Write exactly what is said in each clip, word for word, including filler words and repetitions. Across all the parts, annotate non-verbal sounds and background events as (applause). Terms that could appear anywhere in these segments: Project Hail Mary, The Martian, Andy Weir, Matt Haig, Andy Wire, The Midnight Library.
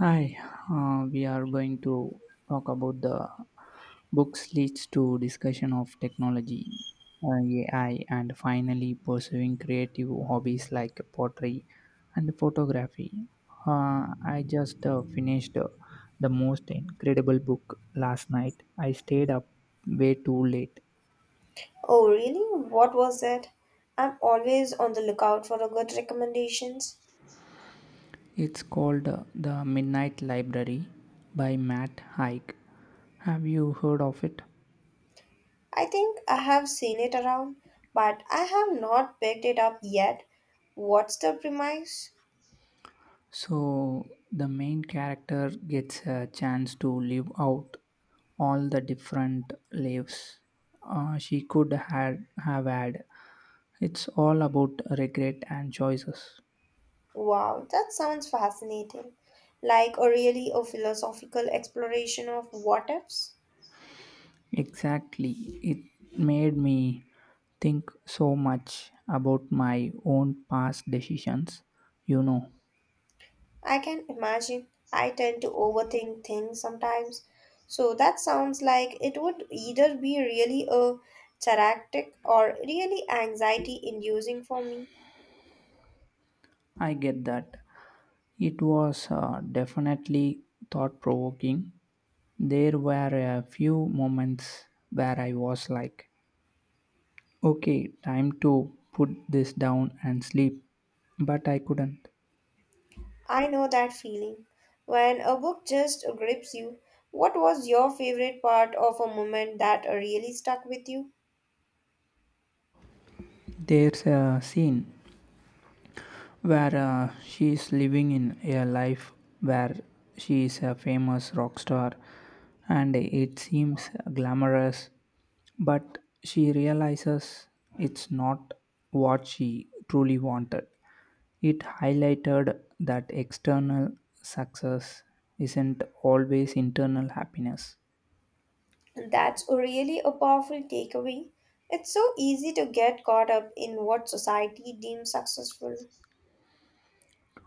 Hi, uh, we are going to talk about the books leads to discussion of technology, uh, A I, and finally pursuing creative hobbies like pottery and photography. Uh, I just uh, finished uh, the most incredible book last night. I stayed up way too late. Oh, really? What was it? I'm always on the lookout for a good recommendations. It's called uh, The Midnight Library by Matt Haig. Have you heard of it? I think I have seen it around, but I have not picked it up yet. What's the premise? So the main character gets a chance to live out all the different lives uh, she could had, have had. It's all about regret and choices. Wow, that sounds fascinating. Like a really a philosophical exploration of what ifs. Exactly. It made me think so much about my own past decisions. You know, I can imagine. I tend to overthink things sometimes. So that sounds like it would either be really a therapeutic or really anxiety inducing for me. I get that. It was uh, definitely thought provoking. There were a few moments where I was like, okay, time to put this down and sleep. But I couldn't. I know that feeling. When a book just grips you, what was your favorite part of a moment that really stuck with you? There's a scene where uh, she is living in a life where she is a famous rock star and it seems glamorous. But she realizes it's not what she truly wanted. It highlighted that external success isn't always internal happiness. That's really a powerful takeaway. It's so easy to get caught up in what society deems successful.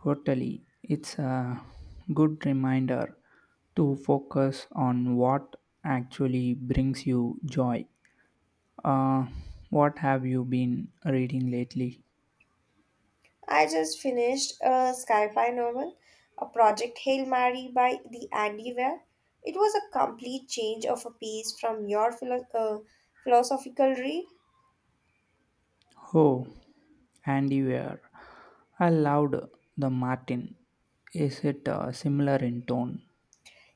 Totally, it's a good reminder to focus on what actually brings you joy. Uh, what have you been reading lately? I just finished a sci-fi novel, a Project Hail Mary by the Andy Weir. It was a complete change of a piece from your philo- uh, philosophical read. Oh, and you I loved the Martin. Is it uh, similar in tone?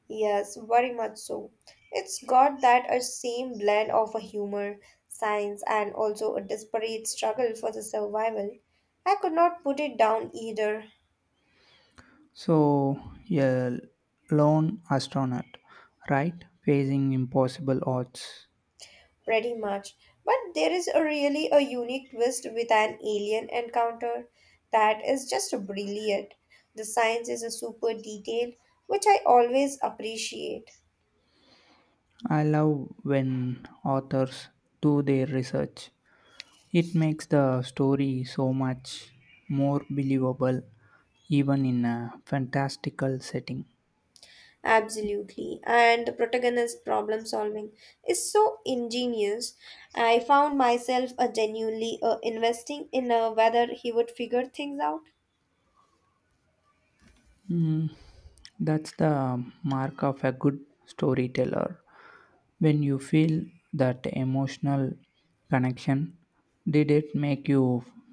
Yes, very much so. It's got that a same blend of a humor, science, and also a desperate struggle for the survival. I could not put it down either. So, a lone astronaut, right? Facing impossible odds. pretty much. But there is a really a unique twist with an alien encounter that is just brilliant. The science is a super detailed, which I always appreciate. I love when authors do their research. It makes the story so much more believable, even in a fantastical setting. Absolutely. And the protagonist problem solving is so ingenious. I found myself uh, genuinely uh, investing in uh, whether he would figure things out. Mm, that's the mark of a good storyteller. When you feel that emotional connection, did it make you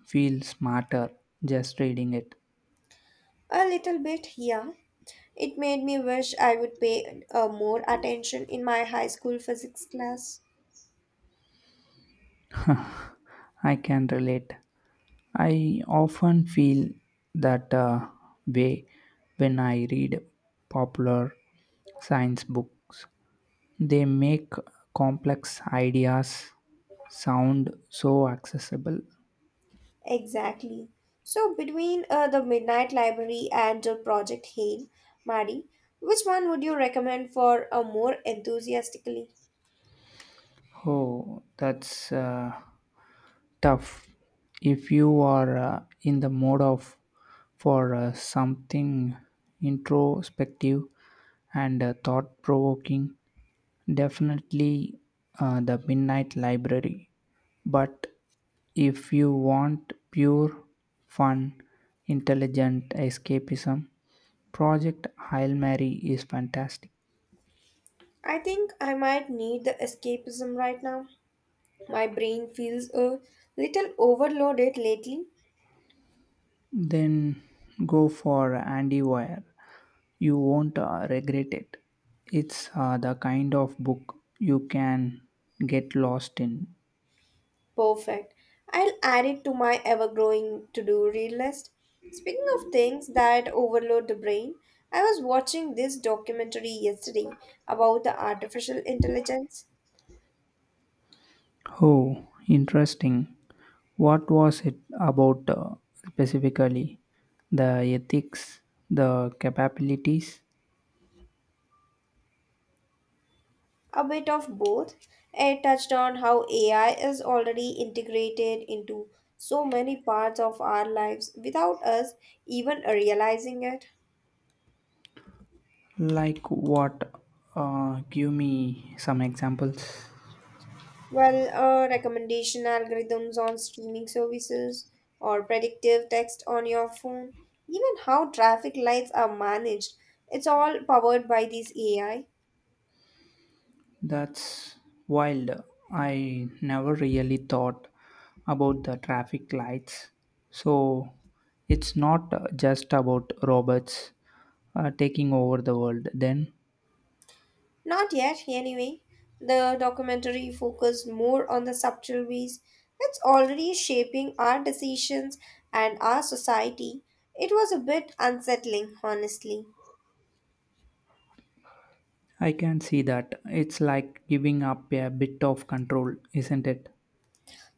feel smarter just reading it? A little bit, yeah. It made me wish I would pay uh, more attention in my high school physics class. (laughs) I can relate. I often feel that uh, way when I read popular science books. They make complex ideas sound so accessible. Exactly. So between uh, the Midnight Library and the Project Hail, Maddie, which one would you recommend for a more enthusiastically? Oh, that's uh, tough. If you are uh, in the mode of for uh, something introspective and uh, thought-provoking, definitely uh, the Midnight Library. But if you want pure fun, intelligent escapism, Project Hail Mary is fantastic. I think I might need the escapism right now. My brain feels a little overloaded lately. Then go for Andy Wire. You won't uh, regret it. It's uh, the kind of book you can get lost in. Perfect. I'll add it to my ever-growing to-do read list. Speaking of things that overload the brain, I was watching this documentary yesterday about the artificial intelligence. Oh, interesting. What was it about uh, specifically? The ethics, the capabilities? A bit of both. It touched on how A I is already integrated into so many parts of our lives without us even realizing it. Like what? Uh, give me some examples. Well, uh, recommendation algorithms on streaming services or predictive text on your phone, even how traffic lights are managed, it's all powered by this A I. That's wild. I never really thought about the traffic lights. So it's not uh, just about robots uh, taking over the world. Then Not yet, anyway. The documentary focused more on the subtle ways it's already shaping our decisions and our society. It was a bit unsettling, honestly. I can see that it's like giving up a bit of control, isn't it?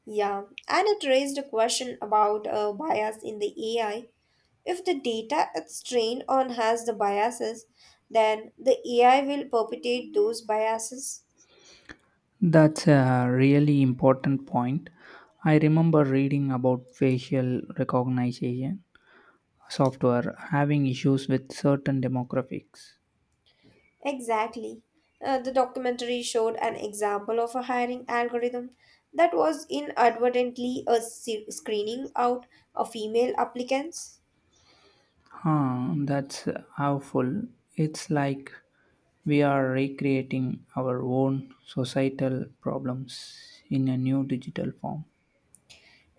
Yeah, and it raised a question about uh, bias in the A I. If the data it's trained on has the biases, then the A I will perpetuate those biases. That's a really important point. I remember reading about facial recognition software having issues with certain demographics. Exactly. Uh, the documentary showed an example of a hiring algorithm that was inadvertently a se- screening out of female applicants. Huh, that's awful. It's like we are recreating our own societal problems in a new digital form,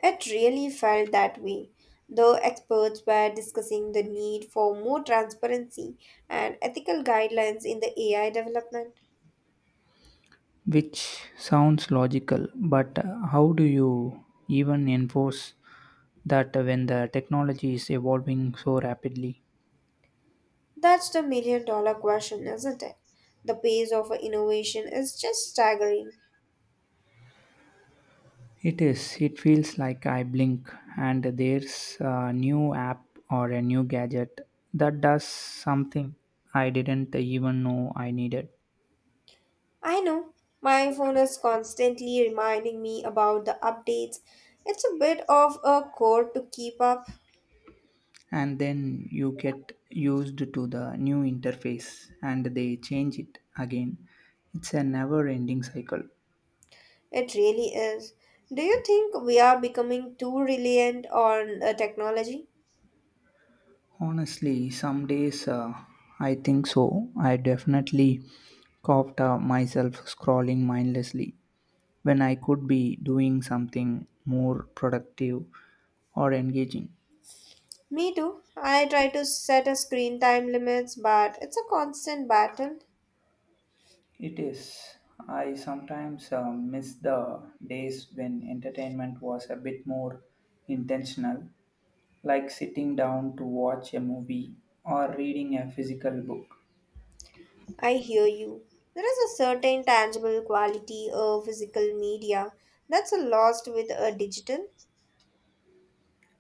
It really felt that way. The experts were discussing the need for more transparency and ethical guidelines in the A I development. which sounds logical, but how do you even enforce that when the technology is evolving so rapidly? That's the million dollar question, isn't it? The pace of innovation is just staggering. It is. It feels like I blink and there's a new app or a new gadget that does something I didn't even know I needed. I know. My phone is constantly reminding me about the updates. It's a bit of a chore to keep up. And then you get used to the new interface and they change it again. It's a never ending cycle. It really is. Do you think we are becoming too reliant on uh, technology? Honestly, some days uh, i think so i definitely coughed uh, myself scrolling mindlessly when I could be doing something more productive or engaging. Me too. I try to set a screen time limits, but it's a constant battle. It is. I sometimes uh, miss the days when entertainment was a bit more intentional, like sitting down to watch a movie or reading a physical book. I hear you. There is a certain tangible quality of physical media that's lost with a digital.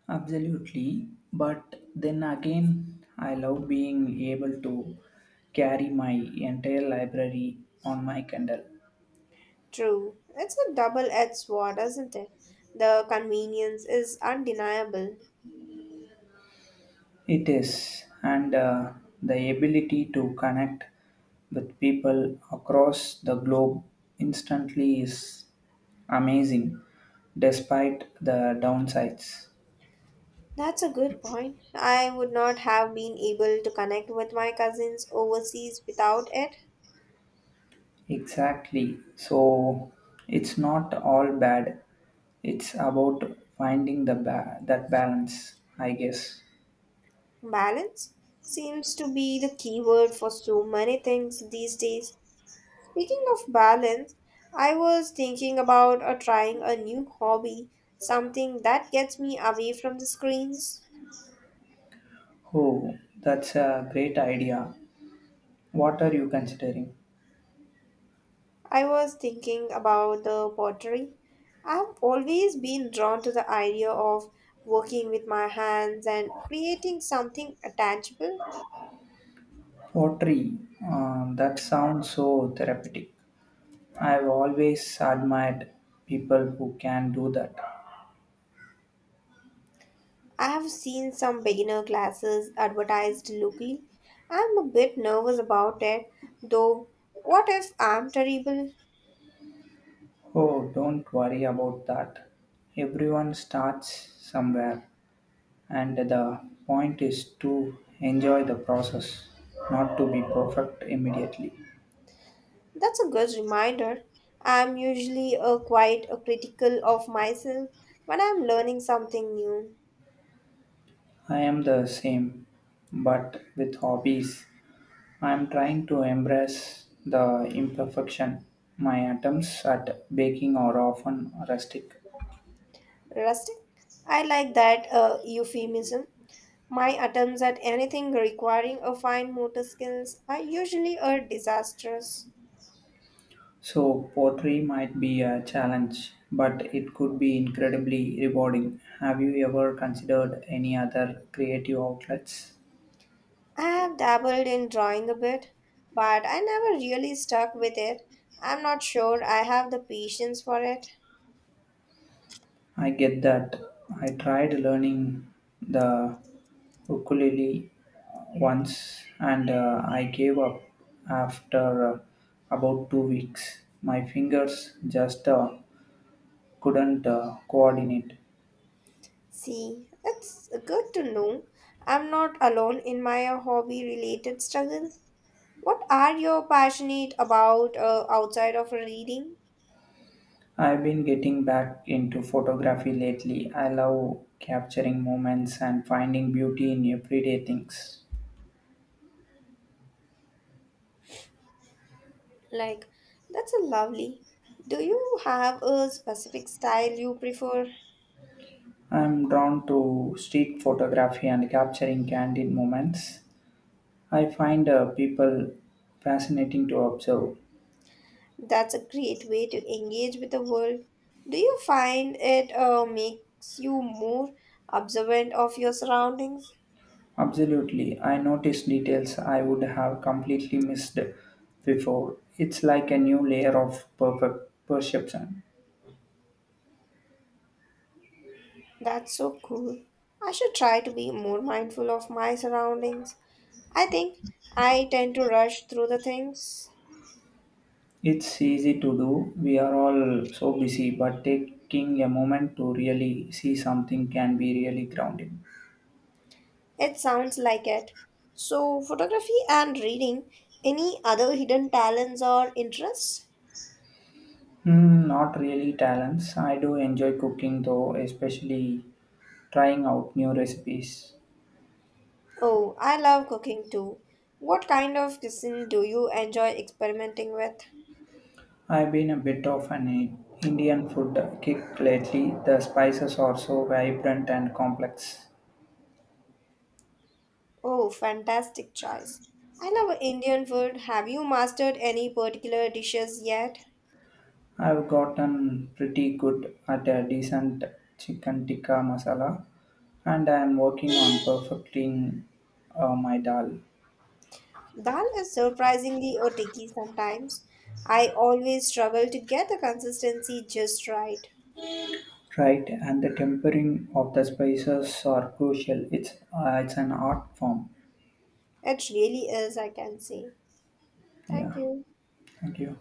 Absolutely, but then again, I love being able to carry my entire library on my Kindle. True. It's a double edged sword, isn't it? The convenience is undeniable. It is, and uh, the ability to connect with people across the globe instantly is amazing, despite the downsides. That's a good point. I would not have been able to connect with my cousins overseas without it. Exactly. So it's not all bad. It's about finding the ba- that balance, I guess. Balance seems to be the key word for so many things these days. Speaking of balance, I was thinking about uh, trying a new hobby, something that gets me away from the screens. Oh, that's a great idea. What are you considering? I was thinking about the pottery. I've always been drawn to the idea of working with my hands and creating something tangible. Pottery. Uh, that sounds so therapeutic. I've always admired people who can do that. I have seen some beginner classes advertised locally. I'm a bit nervous about it, though. What if I'm terrible? Oh, don't worry about that. Everyone starts somewhere. And the point is to enjoy the process, not to be perfect immediately. That's a good reminder. I'm usually uh, quite a critical of myself when I'm learning something new. I am the same, but with hobbies, I am trying to embrace the imperfection. My attempts at baking are often rustic, Rustic? I like that uh, euphemism. My attempts at anything requiring a fine motor skills are usually a disastrous. so pottery might be a challenge, but it could be incredibly rewarding. Have you ever considered any other creative outlets? I have dabbled in drawing a bit, but I never really stuck with it. I'm not sure I have the patience for it. I get that. I tried learning the ukulele once and uh, I gave up after uh, about two weeks. My fingers just uh, couldn't uh, coordinate. See, it's good to know I'm not alone in my hobby related struggles. What are you passionate about uh, outside of reading? I've been getting back into photography lately. I love capturing moments and finding beauty in everyday things. Like, that's a lovely. Do you have a specific style you prefer? I'm drawn to street photography and capturing candid moments. I find uh, people fascinating to observe. That's a great way to engage with the world. Do you find it uh, makes you more observant of your surroundings? Absolutely, I notice details I would have completely missed before. It's like a new layer of perfect perception. That's so cool. I should try to be more mindful of my surroundings. I think I tend to rush through the things. It's easy to do. We are all so busy, but taking a moment to really see something can be really grounding. It sounds like it. So, photography and reading, any other hidden talents or interests? Hmm, not really talents. I do enjoy cooking though, especially trying out new recipes. Oh, I love cooking too. What kind of cuisine do you enjoy experimenting with? I've been a bit of an I- Indian food kick lately. The spices are so vibrant and complex. Oh, fantastic choice. I love Indian food. Have you mastered any particular dishes yet? I've gotten pretty good at a decent chicken tikka masala, and I'm working on perfecting uh, my dal. Dal is surprisingly a tricky sometimes. I always struggle to get the consistency just right. Right, and the tempering of the spices are crucial. It's uh, it's an art form. It really is, I can say. Thank Yeah, you. thank you.